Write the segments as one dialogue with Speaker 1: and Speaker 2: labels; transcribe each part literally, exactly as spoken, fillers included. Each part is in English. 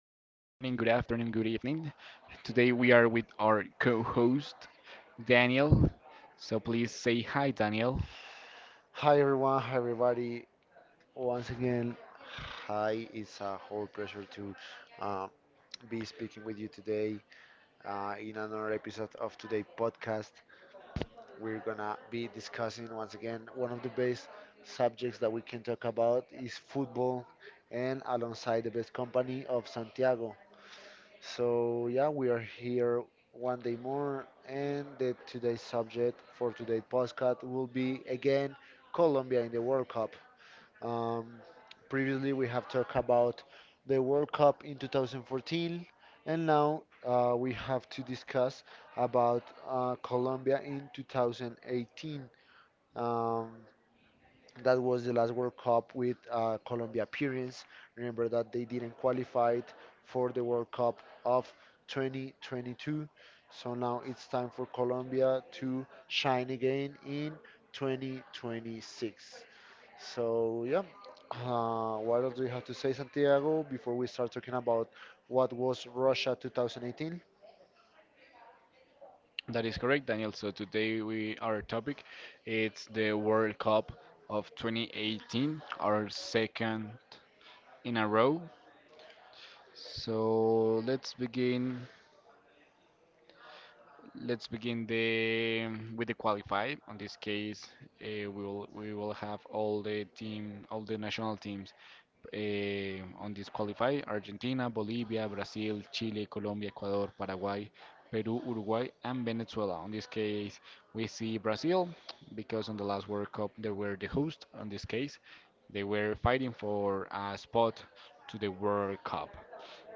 Speaker 1: good afternoon, good evening. Today we are with our co host, Daniel. So please say hi, Daniel.
Speaker 2: Hi everyone, hi everybody. Once again, hi. It's a whole pleasure to uh, be speaking with you today uh, in another episode of today podcast. We're gonna be discussing once again one of the best subjects that we can talk about is football, and alongside the best company of Santiago. So yeah, we are here one day more, and the today's subject for today's podcast will be again Colombia in the World Cup. Um, Previously, we have talked about the World Cup in two thousand fourteen, and now uh, we have to discuss about uh, Colombia in twenty eighteen. Um, that was the last World Cup with uh, Colombia appearance. Remember that they didn't qualify for the World Cup of twenty twenty-two. So now it's time for Colombia to shine again in twenty twenty-six. So yeah, uh, what else do you have to say, Santiago, before we start talking about what was Russia twenty eighteen?
Speaker 1: That is correct, Daniel. So today we our topic it's the World Cup of twenty eighteen, our second in a row. So let's begin. Let's begin the with the qualify. On this case, uh, we will we will have all the team, all the national teams eh, on this qualify Argentina, Bolivia, Brazil, Chile, Colombia, Ecuador, Paraguay, Peru, Uruguay, and Venezuela. On this case, we see Brazil because on the last World Cup they were the host. On this case, they were fighting for a spot to the World Cup.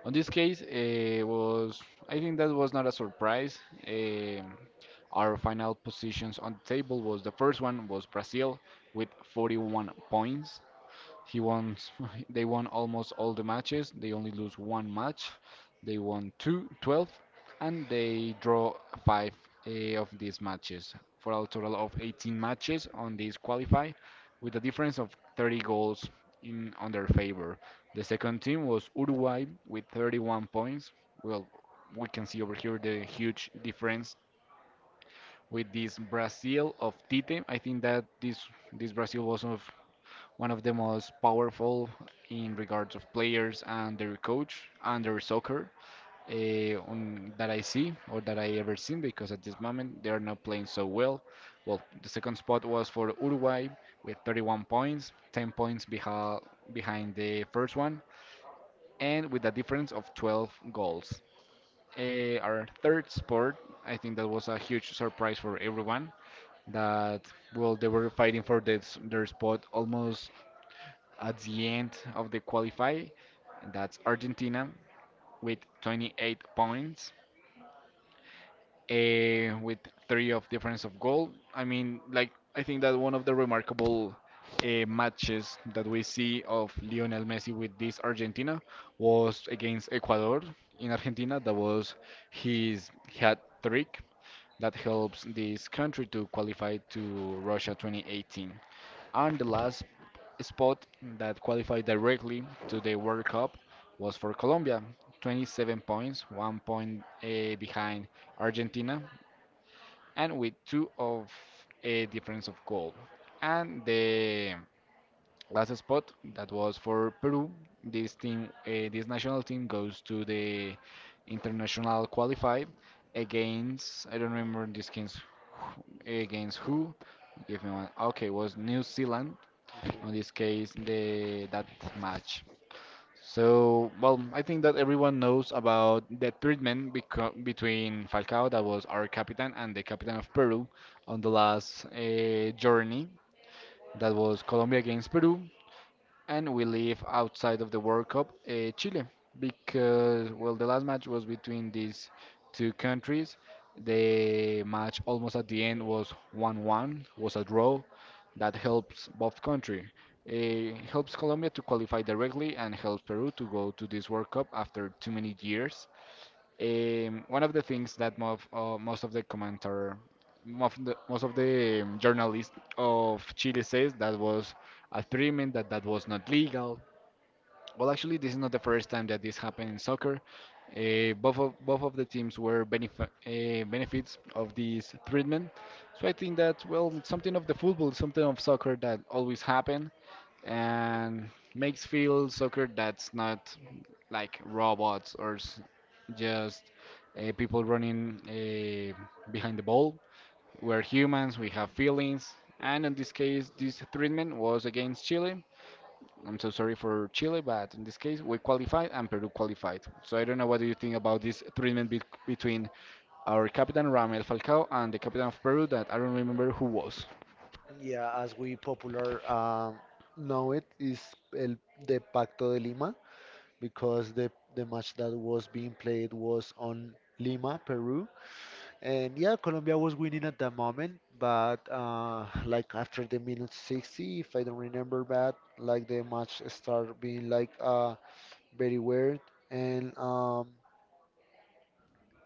Speaker 1: On this case, eh, was I think that was not a surprise. Um our final positions on the table was the first one was Brazil with forty-one points. He won. They won almost all the matches. They only lose one match. They won two, twelve, and they draw five eh, of these matches for a total of eighteen matches on this qualify, with a difference of thirty goals in on their favor. The second team was Uruguay with thirty-one points. Well, we can see over here the huge difference with this Brazil of Tite. I think that this this Brazil was of one of the most powerful in regards of players and their coach and their soccer uh, on, that I see or that I ever seen because at this moment they are not playing so well. Well, the second spot was for Uruguay with thirty-one points, ten points beha- behind the first one, and with a difference of twelve goals. Uh, our third spot, I think that was a huge surprise for everyone that well they were fighting for this, their spot almost at the end of the qualify. That's Argentina with twenty-eight points, eh, with three of difference of goal. I mean, like I think that one of the remarkable uh, matches that we see of Lionel Messi with this Argentina was against Ecuador in Argentina. That was his hat trick that helps this country to qualify to Russia two thousand eighteen. And the last spot that qualified directly to the World Cup was for Colombia, twenty-seven points, one point eh, behind Argentina, and with two of a difference of goal. And the last spot that was for Peru. This team, uh, this national team goes to the international qualified against I don't remember this game's wh- against who. Give me one. Okay, was New Zealand on this case the that match. So, well, I think that everyone knows about the treatment beco- between Falcao, that was our captain, and the captain of Peru on the last uh, journey, that was Colombia against Peru and we live outside of the World Cup, uh, Chile, because well, the last match was between these two countries. The match almost at the end was one one, was a draw. That helps both country. It helps Colombia to qualify directly and helps Peru to go to this World Cup after too many years. Um, one of the things that most, uh, most of the commentator, most of the, most of the um, journalists of Chile says that was a agreement that that was not legal. Well, actually, this is not the first time that this happened in soccer. Uh, both of both of the teams were benef uh, benefits of this treatment. So I think that well, it's something of the football, something of soccer that always happen and makes feel soccer that's not like robots or s- just uh, people running uh, behind the ball. We're humans, we have feelings, and in this case, this treatment was against Chile. I'm so sorry for Chile, but in this case, we qualified and Peru qualified. So I don't know what do you think about this treatment be- between our captain Ramel Falcao and the captain of Peru that I don't remember who was.
Speaker 2: Yeah, as we popular um, know it is el the Pacto de Lima because the the match that was being played was on Lima, Peru, and yeah, Colombia was winning at that moment, but uh, like after the minute sixty, if I don't remember bad, like the match started being like uh very weird, and um,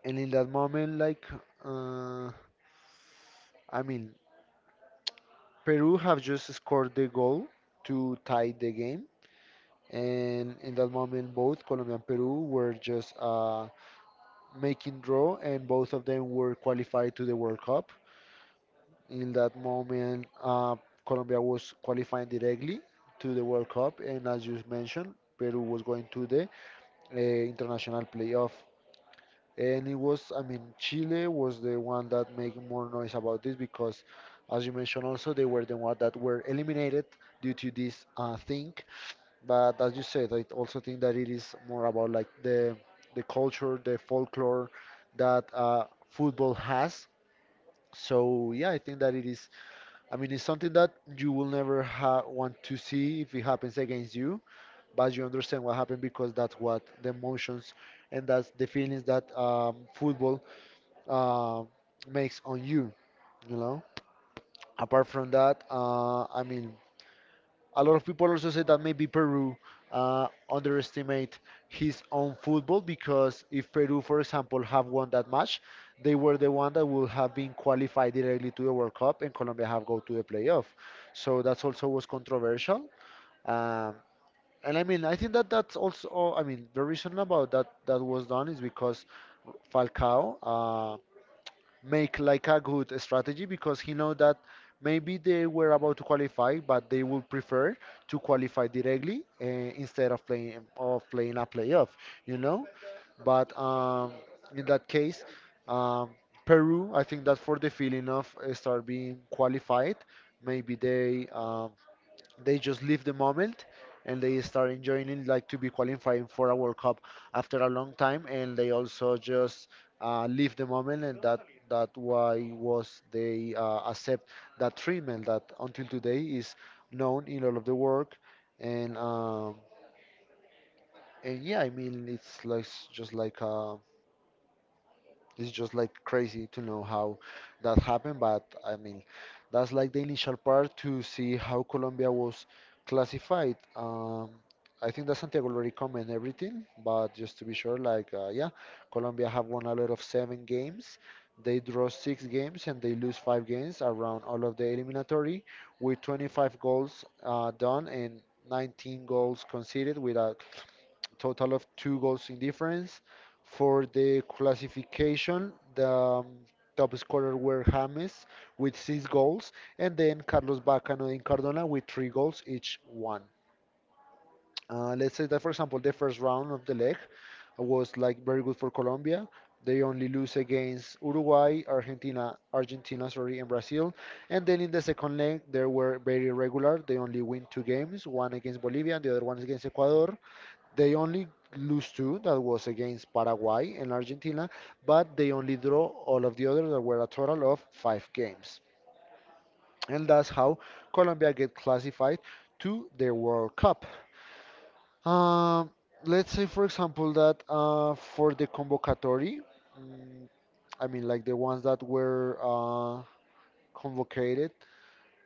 Speaker 2: And in that moment, like, uh, I mean, Peru have just scored the goal to tie the game. And in that moment, both Colombia and Peru were just uh, making draw, and both of them were qualified to the World Cup. In that moment, uh, Colombia was qualifying directly to the World Cup, and as you mentioned, Peru was going to the uh, international playoff. And it was, I mean, Chile was the one that made more noise about this because as you mentioned also they were the one that were eliminated due to this uh, thing. But as you said, I also think that it is more about like the the culture, the folklore that uh, football has. So yeah, I think that it is, I mean, it's something that you will never ha- want to see if it happens against you, but you understand what happened because that's what the emotions and that's the feelings that um, football uh, makes on you, you know. Apart from that, uh, I mean, a lot of people also say that maybe Peru uh, underestimate his own football because if Peru, for example, have won that match, they were the one that would have been qualified directly to the World Cup, and Colombia have go to the playoff. So that's also was controversial. Um, and I mean, I think that that's also, I mean, the reason about that that was done is because Falcao. uh, make like a good strategy because he know that maybe they were about to qualify, but they would prefer to qualify directly uh, instead of playing of playing a playoff, you know. But um, in that case, um, Peru, I think that for the feeling of uh, start being qualified, maybe they um, they just live the moment and they start enjoying it, like to be qualifying for a World Cup after a long time, and they also just uh, live the moment, and that that why was they uh, accept that treatment that until today is known in all of the work, and um, and yeah, I mean it's like s- just like uh, it's just like crazy to know how that happened. But I mean, that's like the initial part to see how Colombia was classified. Um, I think that Santiago already comment everything, but just to be sure, like uh, yeah, Colombia have won a lot of seven games. They draw six games and they lose five games around all of the eliminatory with twenty-five goals uh, done and nineteen goals conceded without total of two goals in difference. For the classification, the um, top scorer were James with six goals, and then Carlos Bacano and Cardona with three goals each one. Uh, let's say that, for example, the first round of the leg was like very good for Colombia. They only lose against Uruguay, Argentina, Argentina, sorry, and Brazil. And then in the second leg, they were very regular. They only win two games, one against Bolivia and the other one against Ecuador. They only lose two, that was against Paraguay and Argentina, but they only draw all of the others, that were a total of five games. And that's how Colombia get classified to the World Cup. Um, let's say, for example, that uh, for the convocatory, mm, I mean, like the ones that were uh, convocated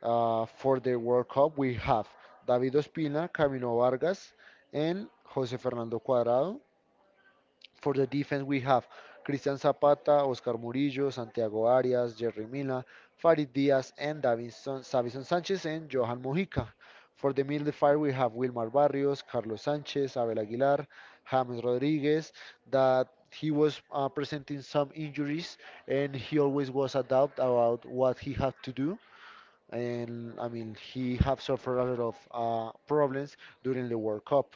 Speaker 2: uh, for the World Cup, we have David Ospina, Camino Vargas, and Jose Fernando Cuadrado. For the defense, we have Cristian Zapata, Oscar Murillo, Santiago Arias, Jerry Mina, Farid Diaz, and Davison, Savison Sanchez and Johan Mojica. For the middle fire, we have Wilmar Barrios, Carlos Sanchez, Abel Aguilar, James Rodriguez, that he was uh, presenting some injuries and he always was adept about what he had to do. And I mean, he have suffered a lot of uh, problems during the World Cup.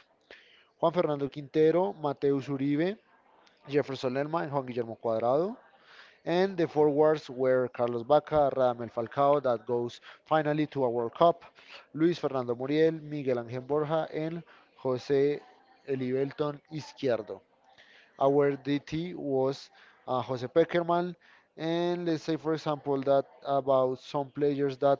Speaker 2: Juan Fernando Quintero, Mateus Uribe, Jefferson Lerma, and Juan Guillermo Cuadrado. And the forwards were Carlos Bacca, Radamel Falcao, that goes finally to a World Cup, Luis Fernando Muriel, Miguel Ángel Borja, and José Elibelton Izquierdo. Our D T was uh, Jose Pekerman, and let's say, for example, that about some players that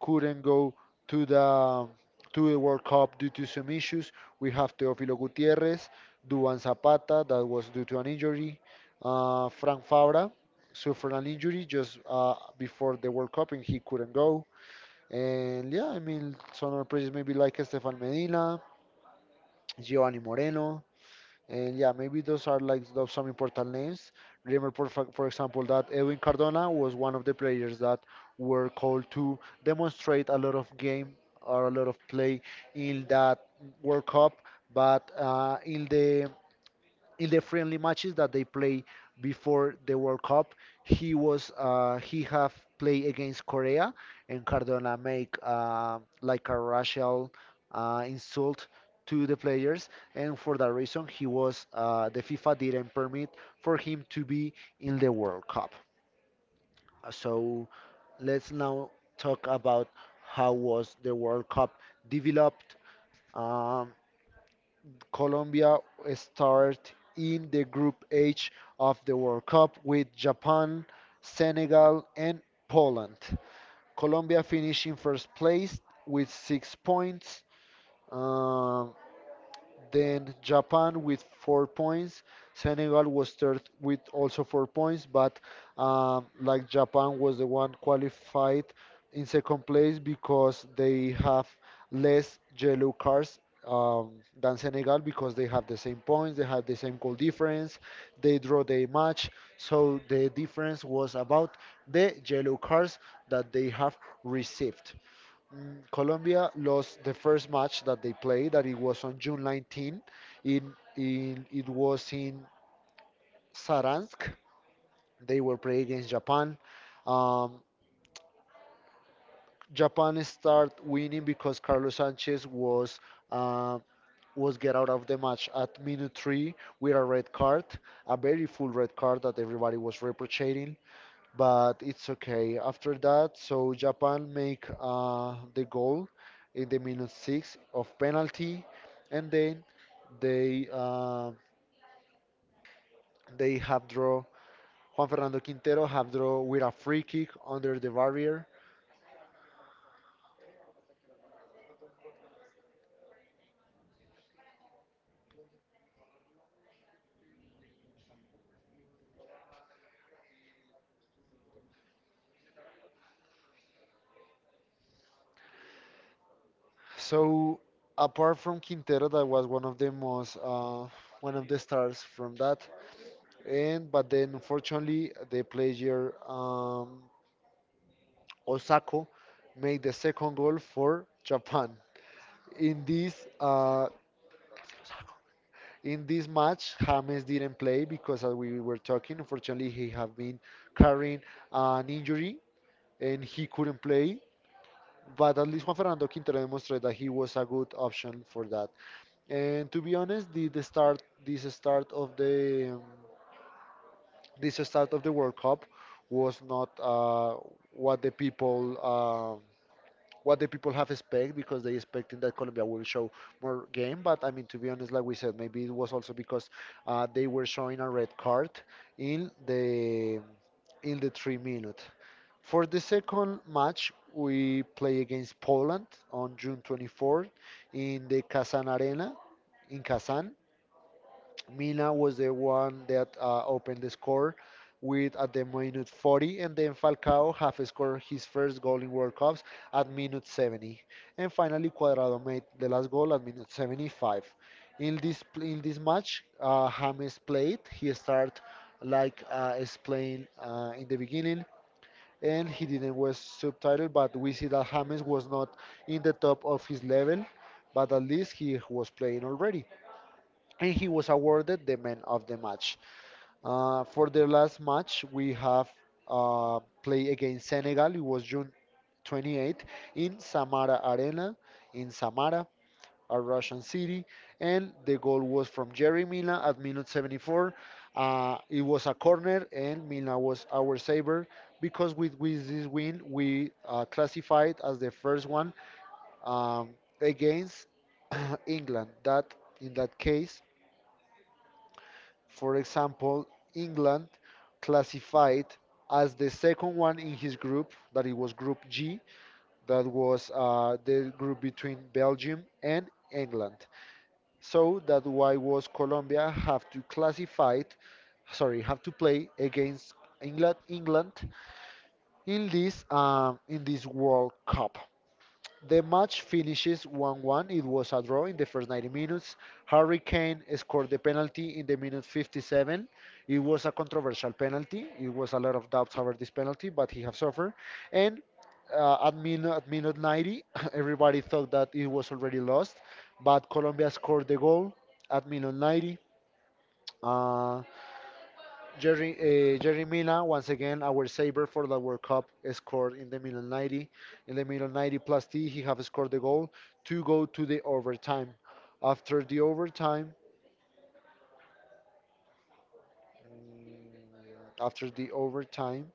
Speaker 2: couldn't go to the to the World Cup due to some issues. We have Teófilo Gutiérrez, Duan Zapata, that was due to an injury. Uh, Frank Fabra suffered an injury just uh, before the World Cup, and he couldn't go. And yeah, I mean, some other players maybe like Estefan Medina, Giovanni Moreno. And yeah, maybe those are like those some important names. Remember, for, fa- for example, that Edwin Cardona was one of the players that were called to demonstrate a lot of game or a lot of play in that World Cup, but uh, in the in the friendly matches that they play before the World Cup, he was uh, he have played against Korea, and Cardona make uh, like a racial uh, insult to the players, and for that reason, he was uh, the FIFA didn't permit for him to be in the World Cup. So let's now talk about how was the World Cup developed. Um, Colombia start in the group H of the World Cup with Japan, Senegal, and Poland. Colombia finished in first place with six points. Um, then Japan with four points. Senegal was third with also four points, but um, like Japan was the one qualified in second place because they have less yellow cards um, than Senegal because they have the same points, they have the same goal difference, they draw the match. So the difference was about the yellow cards that they have received. Mm, Colombia lost the first match that they played, that it was on June nineteenth. In, in it was in Saransk. They were playing against Japan. Um, Japan start winning because Carlos Sanchez was uh, was get out of the match at minute three with a red card, a very full red card that everybody was reproaching, but it's okay after that. So Japan make uh, the goal in the minute six of penalty, and then they uh, they have draw. Juan Fernando Quintero have draw with a free kick under the barrier. So apart from Quintero, that was one of the most uh, one of the stars from that. And but then unfortunately, the player um, Osako made the second goal for Japan. In this uh, in this match, James didn't play because as we were talking, unfortunately he have been carrying an injury and he couldn't play. But at least Juan Fernando Quintero demonstrated that he was a good option for that. And to be honest, the, the start this start of the um, this start of the World Cup was not uh, what the people um, what the people have expect because they expecting that Colombia will show more game. But I mean, to be honest, like we said, maybe it was also because uh, they were showing a red card in the in the three minute. For the second match, we play against Poland on June twenty-fourth in the Kazan Arena in Kazan. Mina was the one that uh, opened the score with at the minute forty, and then Falcao half scored his first goal in World Cups at minute seventy, and finally Cuadrado made the last goal at minute seventy-five. In this in this match, uh, James played. He started like uh, explained uh, in the beginning, and he didn't was subtitled, but we see that James was not in the top of his level, but at least he was playing already and he was awarded the man of the match. Uh, for the last match, we have uh, played against Senegal. It was June twenty-eighth in Samara Arena in Samara, a Russian city, and the goal was from Jerry Mina at minute seventy-four. Uh, it was a corner, and Mina was our saver because with, with this win, we uh, classified as the first one um, against England. That in that case, for example, England classified as the second one in his group, that it was Group G, that was uh, the group between Belgium and England. So that why was Colombia have to classify, sorry, have to play against England, England in this um, in this World Cup. The match finishes one one. It was a draw in the first ninety minutes. Harry Kane scored the penalty in the minute fifty-seven. It was a controversial penalty. It was a lot of doubts over this penalty, but he have suffered. And uh, at, min- at minute ninety, everybody thought that it was already lost, but Colombia scored the goal at minute ninety. Uh, Jerry, uh, Jerry Mina, once again, our saver for the World Cup, scored in the middle ninety. In the middle ninety plus T, he have scored the goal to go to the overtime. After the overtime, mm, after the overtime,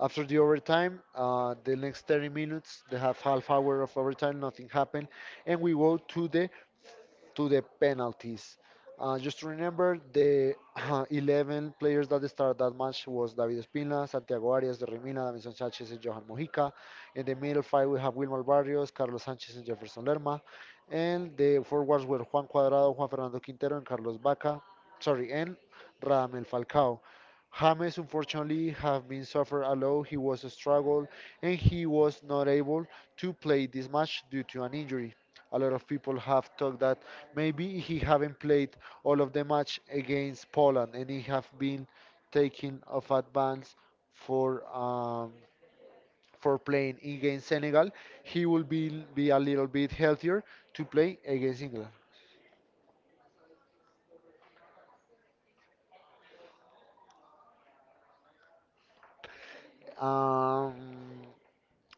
Speaker 2: after the overtime, uh, the next thirty minutes, they have half hour of overtime, nothing happened, and we go to the to the penalties. Uh, just remember the eleven players that started that match was David Espina, Santiago Arias de Rimina, Davinson Sanchez and Johan Mojica. In the middle five we have Wilmar Barrios, Carlos Sanchez and Jefferson Lerma. And the forwards were Juan Cuadrado, Juan Fernando Quintero and Carlos Vaca. Sorry, and Radamel Falcao. James unfortunately have been suffered a lot. He was struggled and he was not able to play this match due to an injury. A lot of people have talked that maybe he haven't played all of the match against Poland and he have been taken off advance for um, for playing against Senegal. He will be be a little bit healthier to play against England. Um,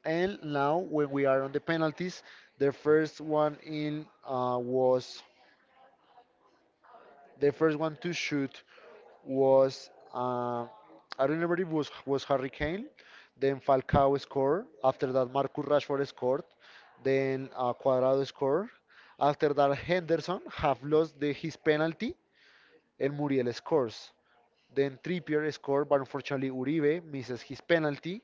Speaker 2: And now, when we are on the penalties, the first one in uh, was the first one to shoot was uh, I don't remember if it was was Harry Kane, then Falcao scored. After that, Marcus Rashford scored. Then uh, Cuadrado scored. After that, Henderson have lost the, his penalty, and Muriel scores. Then Trippier scored, but unfortunately Uribe misses his penalty,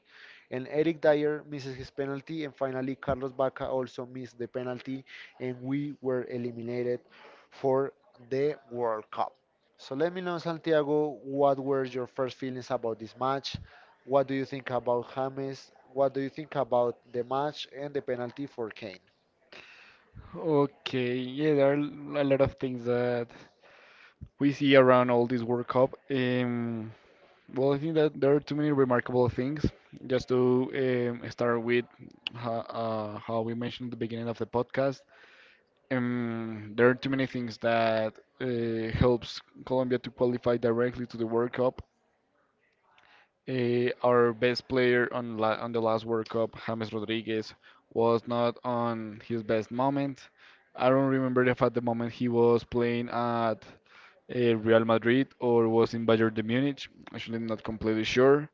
Speaker 2: and Eric Dyer misses his penalty, and finally Carlos Bacca also missed the penalty, and we were eliminated for the World Cup. So let me know, Santiago, what were your first feelings about this match? What do you think about James? What do you think about the match and the penalty for Kane?
Speaker 1: Okay, yeah, there are l- a lot of things that we see around all this World Cup. Um, well, I think that there are too many remarkable things. Just to um, start with ho- uh, how we mentioned at the beginning of the podcast, um, there are too many things that uh, helps Colombia to qualify directly to the World Cup. Uh, our best player on la on the last World Cup, James Rodriguez, was not on his best moment. I don't remember if at the moment he was playing at uh, Real Madrid or was in Bayern de Munich. Actually, I'm not completely sure,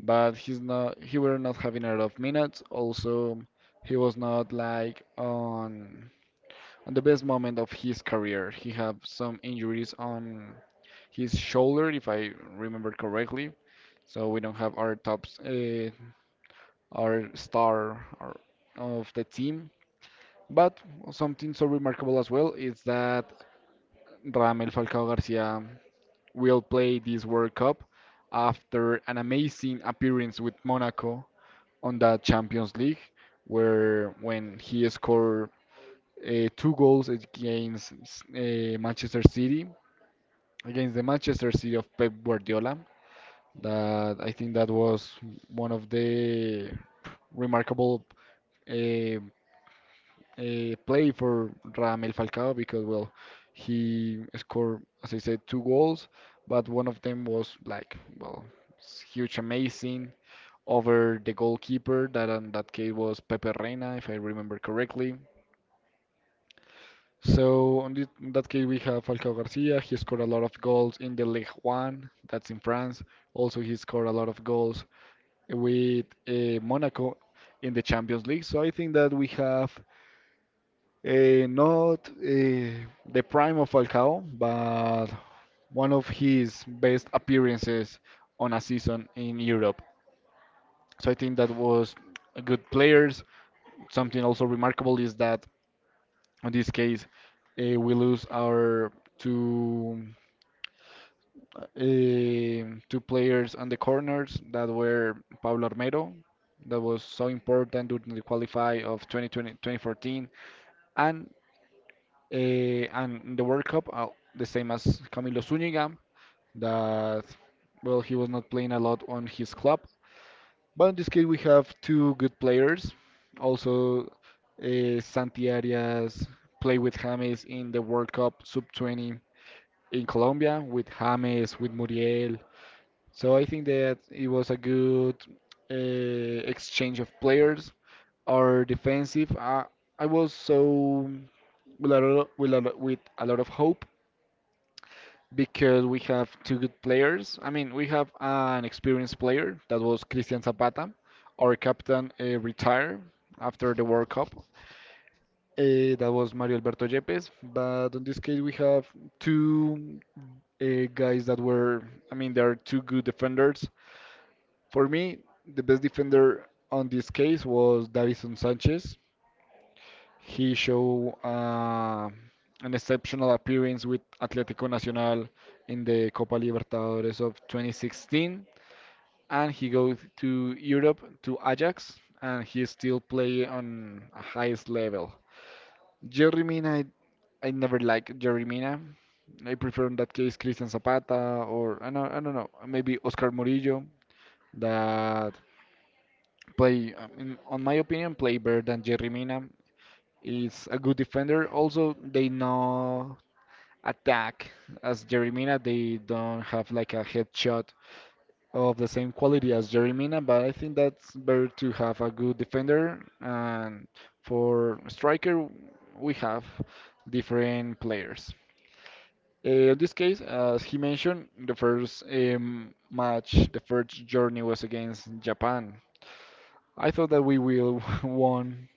Speaker 1: but he's not. He were not having a lot of minutes. Also, he was not like on on the best moment of his career. He had some injuries on his shoulder, if I remember correctly. So we don't have our top, uh, our star our, of the team. But something so remarkable as well is that Ramel Falcao Garcia will play this World Cup after an amazing appearance with Monaco on the Champions League, where when he scored uh, two goals against uh, Manchester City, against the Manchester City of Pep Guardiola. That I think that was one of the remarkable uh, uh, play for Ramel Falcao because, well, he scored, as I said, two goals, but one of them was like, well, s- huge, amazing over the goalkeeper. That in that case was Pepe Reina, if I remember correctly. So on thi- in that case, we have Falcao Garcia. He scored a lot of goals in the Ligue one, that's in France. Also, he scored a lot of goals with uh, Monaco in the Champions League. So I think that we have Uh, not uh, the prime of Falcao, but one of his best appearances on a season in Europe. So I think that was a good players. Something also remarkable is that in this case uh, we lose our two uh, two players on the corners that were Pablo Armero, that was so important during the qualify of twenty twenty, twenty fourteen, and Eh, and in the World Cup, uh, the same as Camilo Zúñiga, that, well, he was not playing a lot on his club. But in this case, we have two good players. Also, uh, Santi Arias played with James in the World Cup sub twenty in Colombia, with James, with Muriel. So I think that it was a good uh, exchange of players. Our defensive, uh, I was so with a, lo- with a, lo- with a lot of hope because we have two good players. I mean, we have an experienced player that was Cristian Zapata. Our captain uh, retired after the World Cup. Uh, that was Mario Alberto Yepes. But in this case, we have two uh, guys that were, I mean, they are two good defenders. For me, the best defender on this case was Davison Sanchez. He showed uh, an exceptional appearance with Atlético Nacional in the Copa Libertadores of twenty sixteen, and he goes to Europe to Ajax, and he still play on a highest level. Jerry Mina, I, I never liked Jerry Mina. I prefer in that case Christian Zapata or I don't, I don't know maybe Oscar Murillo that play um, in, on my opinion play better than Jerry Mina. He's a good defender. Also, they know attack as Jeremina. They don't have like a headshot of the same quality as Jeremina, but I think that's better to have a good defender. And for striker, we have different players. Uh, in this case, as he mentioned, the first um, match, the first journey was against Japan. I thought that we will won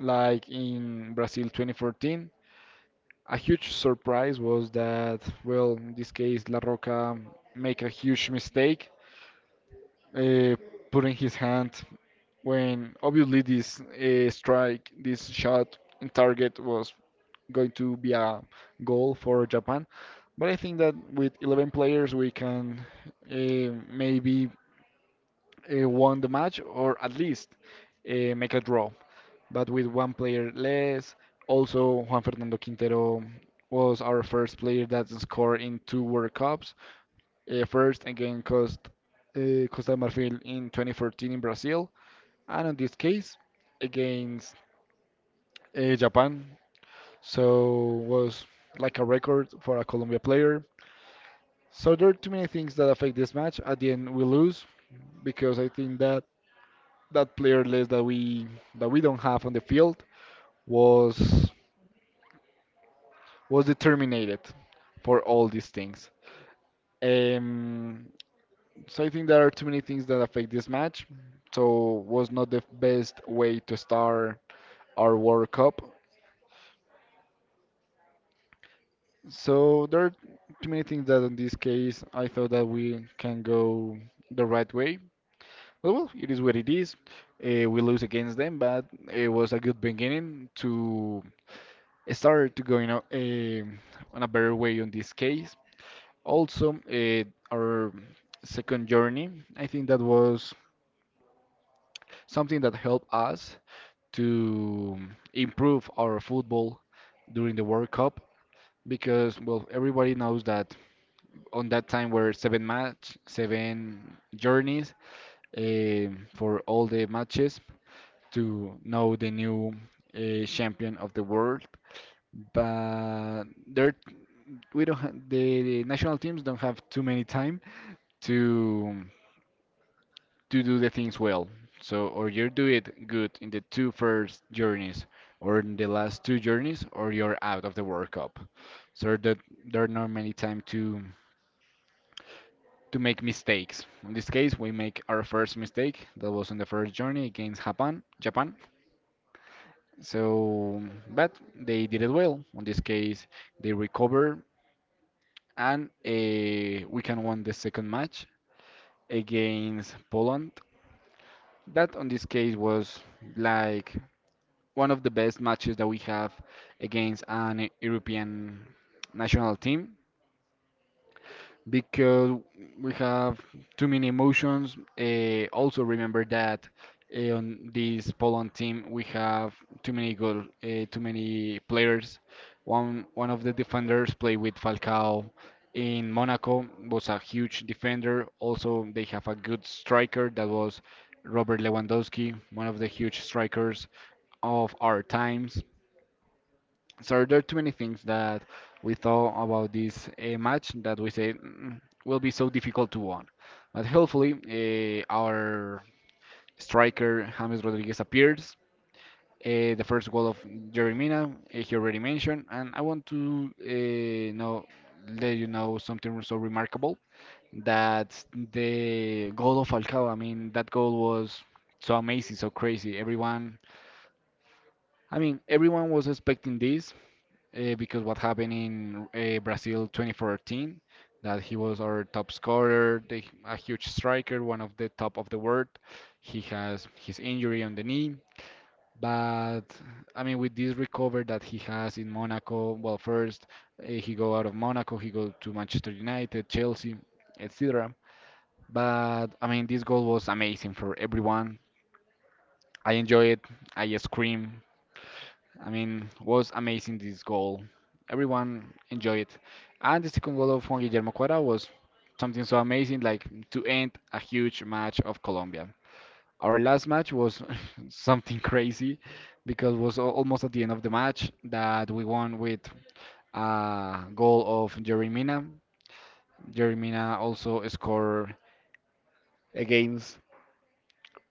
Speaker 1: like in Brazil twenty fourteen, a huge surprise was that, well, in this case, La Roca make a huge mistake, uh, putting his hand when obviously this uh, strike, this shot in target was going to be a goal for Japan. But I think that with eleven players, we can uh, maybe uh, won the match or at least uh, make a draw. But with one player less, also Juan Fernando Quintero was our first player that scored in two World Cups. Uh, first against Cost, uh, Costa de Marfil in twenty fourteen in Brazil, and in this case against uh, Japan. So was like a record for a Colombia player. So there are too many things that affect this match. At the end, we lose because I think that that player list that we that we don't have on the field was was determined for all these things. Um, so I think there are too many things that affect this match. So was not the best way to start our World Cup. So there are too many things that in this case I thought that we can go the right way. But well, it is what it is. Uh, we lose against them, but it was a good beginning to started to go in a, um on a better way on this case. Also, uh, our second journey, I think that was something that helped us to improve our football during the World Cup because, well, everybody knows that on that time were seven match, seven journeys um for all the matches to know the new uh, champion of the world but there we don't ha the, the national teams don't have too many time to to do the things well. So or you do it good in the two first journeys or in the last two journeys or you're out of the World Cup. So that there are not many time to to make mistakes. In this case, we make our first mistake that was in the first journey against Japan, Japan. So, but they did it well. In this case, they recover and uh, we can win the second match against Poland. That, on this case, was like one of the best matches that we have against an European national team because we have too many emotions. Uh, also, remember that eh, on this Poland team we have too many goal, uh, too many players. One one of the defenders played with Falcao in Monaco was a huge defender. Also, they have a good striker that was Robert Lewandowski, one of the huge strikers of our times. So there are too many things that we thought about this uh, match that we say, "Mm, will be so difficult to win." But hopefully, uh, our striker James Rodriguez appears. Uh, the first goal of Jerry Mina, uh, he already mentioned, and I want to uh, know let you know something so remarkable that the goal of Falcao. I mean, that goal was so amazing, so crazy. Everyone, I mean, everyone was expecting this. Uh, because what happened in uh, Brazil twenty fourteen, that he was our top scorer, the, a huge striker, one of the top of the world. He has his injury on the knee, but I mean, with this recovery that he has in Monaco, well, first uh, he go out of Monaco, he go to Manchester United, Chelsea, et cetera. But I mean, this goal was amazing for everyone. I enjoy it. I scream. I mean, was amazing this goal. Everyone enjoyed it. And the second goal of Juan Guillermo Cuara was something so amazing, like to end a huge match of Colombia. Our last match was something crazy because it was al- almost at the end of the match that we won with a goal of Jerry Mina. Jerry Mina also scored against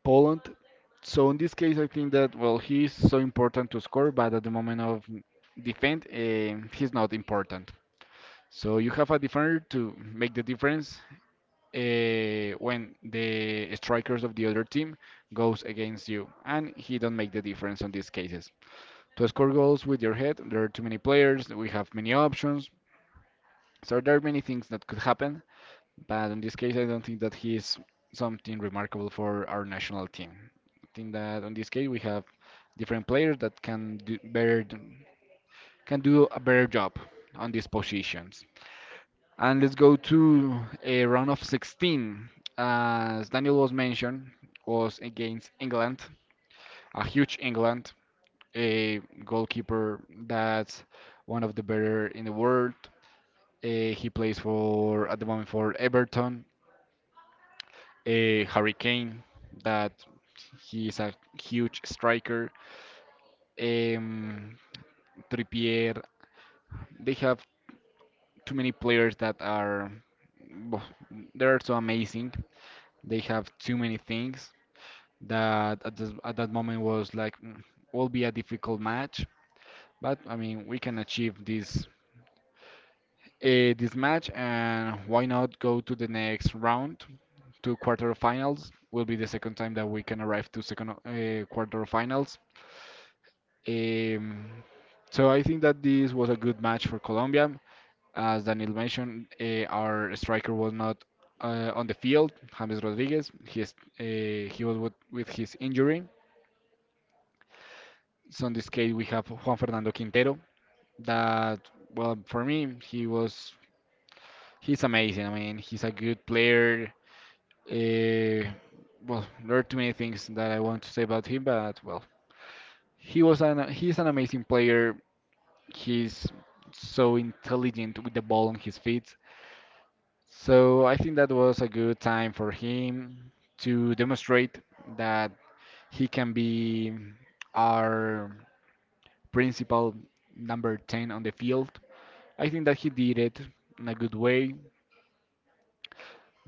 Speaker 1: Poland. So in this case, I think that well, he's so important to score, but at the moment of defend, um he's not important. So you have a defender to make the difference uh, when the strikers of the other team goes against you, and he don't make the difference on these cases. To score goals with your head, there are too many players. We have many options. So there are many things that could happen, but in this case, I don't think that he is something remarkable for our national team. I think that on this case we have different players that can do better can do a better job on these positions. And let's go to a round of sixteen. As Daniel was mentioned, was against England, a huge England, a goalkeeper that's one of the better in the world. Uh, he plays for at the moment for Everton. uh, Harry Kane, that he is a huge striker. Um, Trippier, they have too many players that are bo- they're so amazing. They have too many things that at, this, at that moment was like, "Mm, will be a difficult match." But I mean, we can achieve this uh, this match, and why not go to the next round to quarterfinals? Will be the second time that we can arrive to second uh, quarterfinals. Um, so I think that this was a good match for Colombia. As Daniel mentioned, uh, our striker was not uh, on the field, James Rodriguez. He, is, uh, he was with, with his injury. So in this case, we have Juan Fernando Quintero. That, well, for me, he was he's amazing. I mean, he's a good player. Uh, well, there are too many things that I want to say about him, but well, he was an he's an amazing player he's so intelligent with the ball on his feet. So I think that was a good time for him to demonstrate that he can be our principal number ten on the field. I think that he did it in a good way,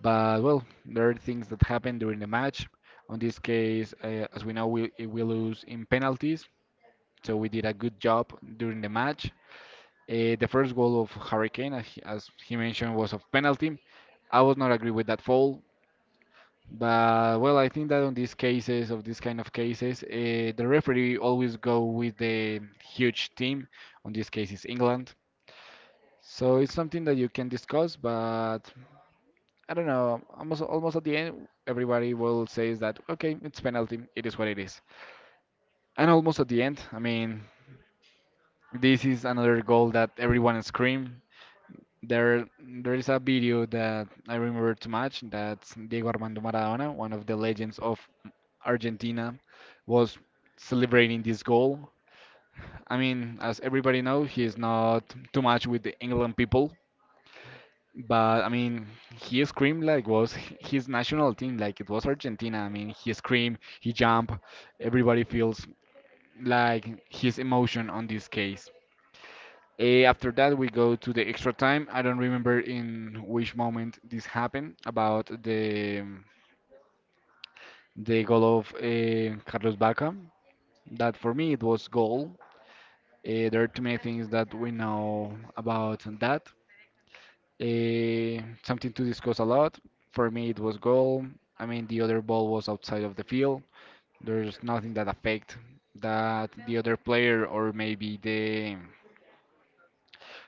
Speaker 1: but well, there are things that happen during the match. On this case, uh, as we know, we, we lose in penalties, so we did a good job during the match. Uh, the first goal of Hurricane, as he as he mentioned, was of penalty. I would not agree with that foul, but well, I think that on these cases, of these kind of cases, uh, the referee always go with the huge team. On this case, is England. So it's something that you can discuss, but I don't know. Almost almost at the end, everybody will say that okay, it's penalty. It is what it is. And almost at the end, I mean, this is another goal that everyone scream. There, there is a video that I remember too much. That's Diego Armando Maradona, one of the legends of Argentina, was celebrating this goal. I mean, as everybody knows, he is not too much with the England people, but I mean, he screamed like was h- his national team, like it was Argentina. I mean, he screamed, he jumped. Everybody feels like his emotion on this case. Eh, after that, we go to the extra time. I don't remember in which moment this happened about the the goal of eh, Carlos Baca. That for me it was goal. Eh, there are too many things that we know about that. Eh, something to discuss a lot. For me, it was goal. I mean, the other ball was outside of the field. There's nothing that affect that the other player or maybe the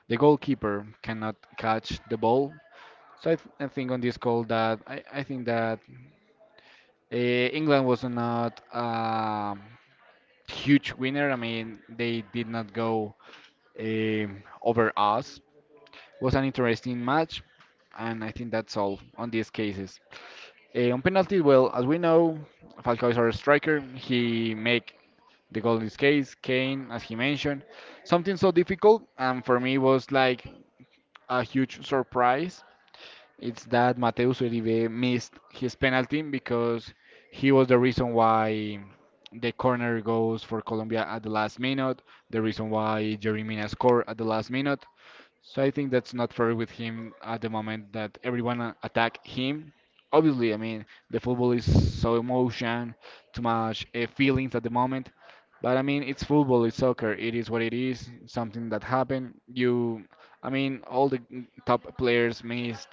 Speaker 1: the goalkeeper cannot catch the ball. So I, th I think on this call that I, I think that uh, England was not a huge winner. I mean, they did not go um over us. Was an interesting match, and I think that's all on these cases. Uh, on penalties, well, as we know, Falcao is our striker. He make the goal in this case. Kane, as he mentioned, something so difficult, and for me was like a huge surprise. It's that Mateus Uribe missed his penalty because he was the reason why the corner goes for Colombia at the last minute, the reason why Jerry Mina scored at the last minute. So I think that's not fair with him at the moment that everyone uh, attack him. Obviously, I mean the football is so emotion, too much uh, feelings at the moment. But I mean it's football, it's soccer. It is what it is. Something that happened. You, I mean all the mm, top players missed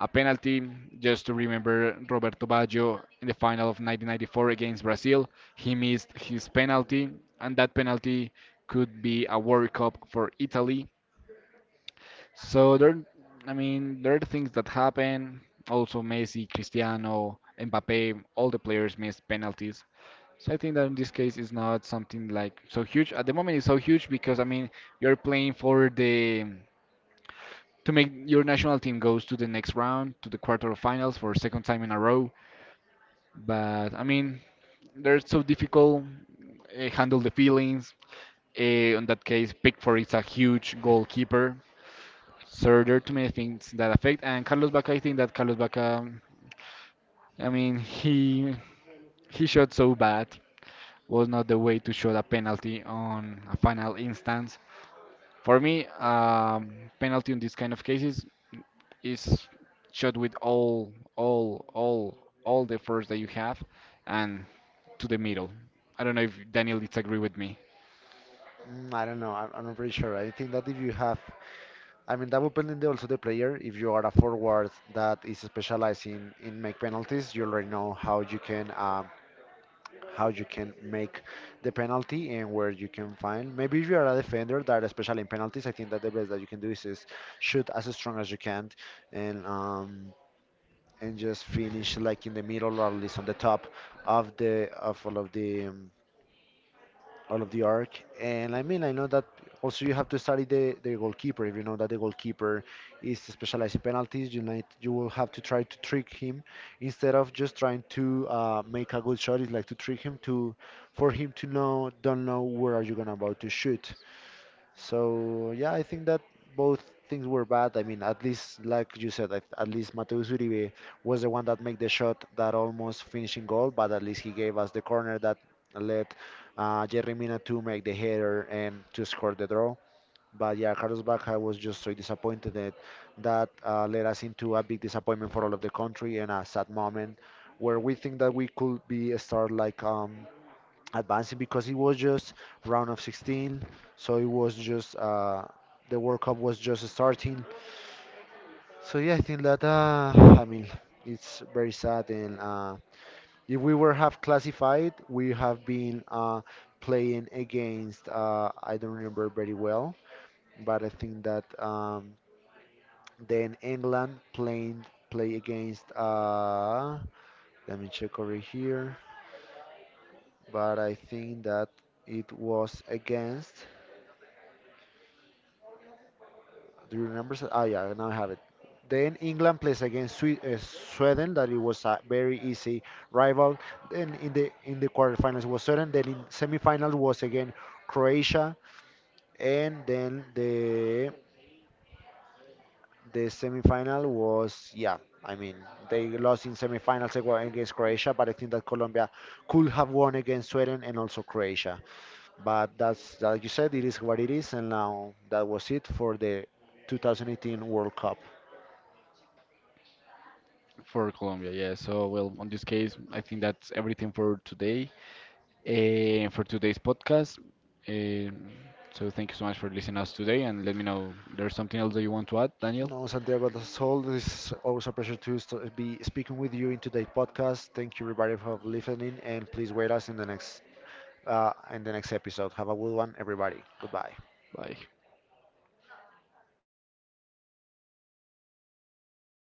Speaker 1: a penalty. Just to remember Roberto Baggio in the final of nineteen ninety-four against Brazil, he missed his penalty, and that penalty could be a World Cup for Italy so there, I mean, there are things that happen. Also, Messi, Cristiano, Mbappe, all the players missed penalties. So I think that in this case is not something like so huge. At the moment, it's so huge because I mean, you're playing for the to make your national team goes to the next round, to the quarterfinals for second time in a row. But I mean, they're so difficult. Uh, handle the feelings. Uh, in that case, Pickford is a huge goalkeeper. So there are too many things that affect. And Carlos Bacca, I think that Carlos Bacca, I mean, he he shot so bad was not the way to shoot a penalty on a final instance. For me, um, penalty in these kind of cases is shot with all all all all the force that you have and to the middle. I don't know if Daniel disagree with me.
Speaker 2: Mm, I don't know. I'm, I'm not pretty sure. I think that if you have, I mean, that will depend also the player. If you are a forward that is specializing in in make penalties, you already know how you can um, how you can make the penalty and where you can find. Maybe if you are a defender that is special in penalties, I think that the best that you can do is, is shoot as strong as you can and um, and just finish like in the middle or at least on the top of the of all of the um, all of the arc. And I mean, I know that also you have to study the, the goalkeeper. If you know that the goalkeeper is specialized in penalties, you might you will have to try to trick him instead of just trying to uh, make a good shot. It's like to trick him to for him to know don't know where are you gonna about to shoot. So yeah, I think that both things were bad. I mean, at least like you said, at at least Mateus Uribe was the one that made the shot that almost finishing goal, but at least he gave us the corner that led uh, Jerry Mina to make the header and to score the draw. But yeah, Carlos Bacca was just so disappointed that that uh, led us into a big disappointment for all of the country and a sad moment where we think that we could be a start like um, advancing because it was just round of sixteen, so it was just uh, the world cup was just starting. So yeah, I think that uh, i mean it's very sad, and uh, if we were have classified we have been uh, playing against uh, I don't remember very well, but I think that um, then England playing play against uh, let me check over here, but I think that it was against. Do you remember? so- Ah, yeah, now I have it. Then England plays against Swe- uh, Sweden, that it was a very easy rival. Then in the in the quarterfinals was Sweden. Then in semifinal was again Croatia, and then the the semifinal was yeah. I mean, they lost in semifinals ag- against Croatia, but I think that Colombia could have won against Sweden and also Croatia. But that's like you said, it is what it is, and now that was it for the twenty eighteen World Cup.
Speaker 1: For Colombia, yeah. So well, on this case, I think that's everything for today. Uh, for today's podcast. Um so thank you so much for listening us today, and let me know there's something else that you want to add, Daniel.
Speaker 2: No, Santiago, that's all. It's always a pleasure to st- be speaking with you in today's podcast. Thank you, everybody, for listening, and please wait us in the next uh, in the next episode. Have a good one, everybody. Goodbye.
Speaker 1: Bye.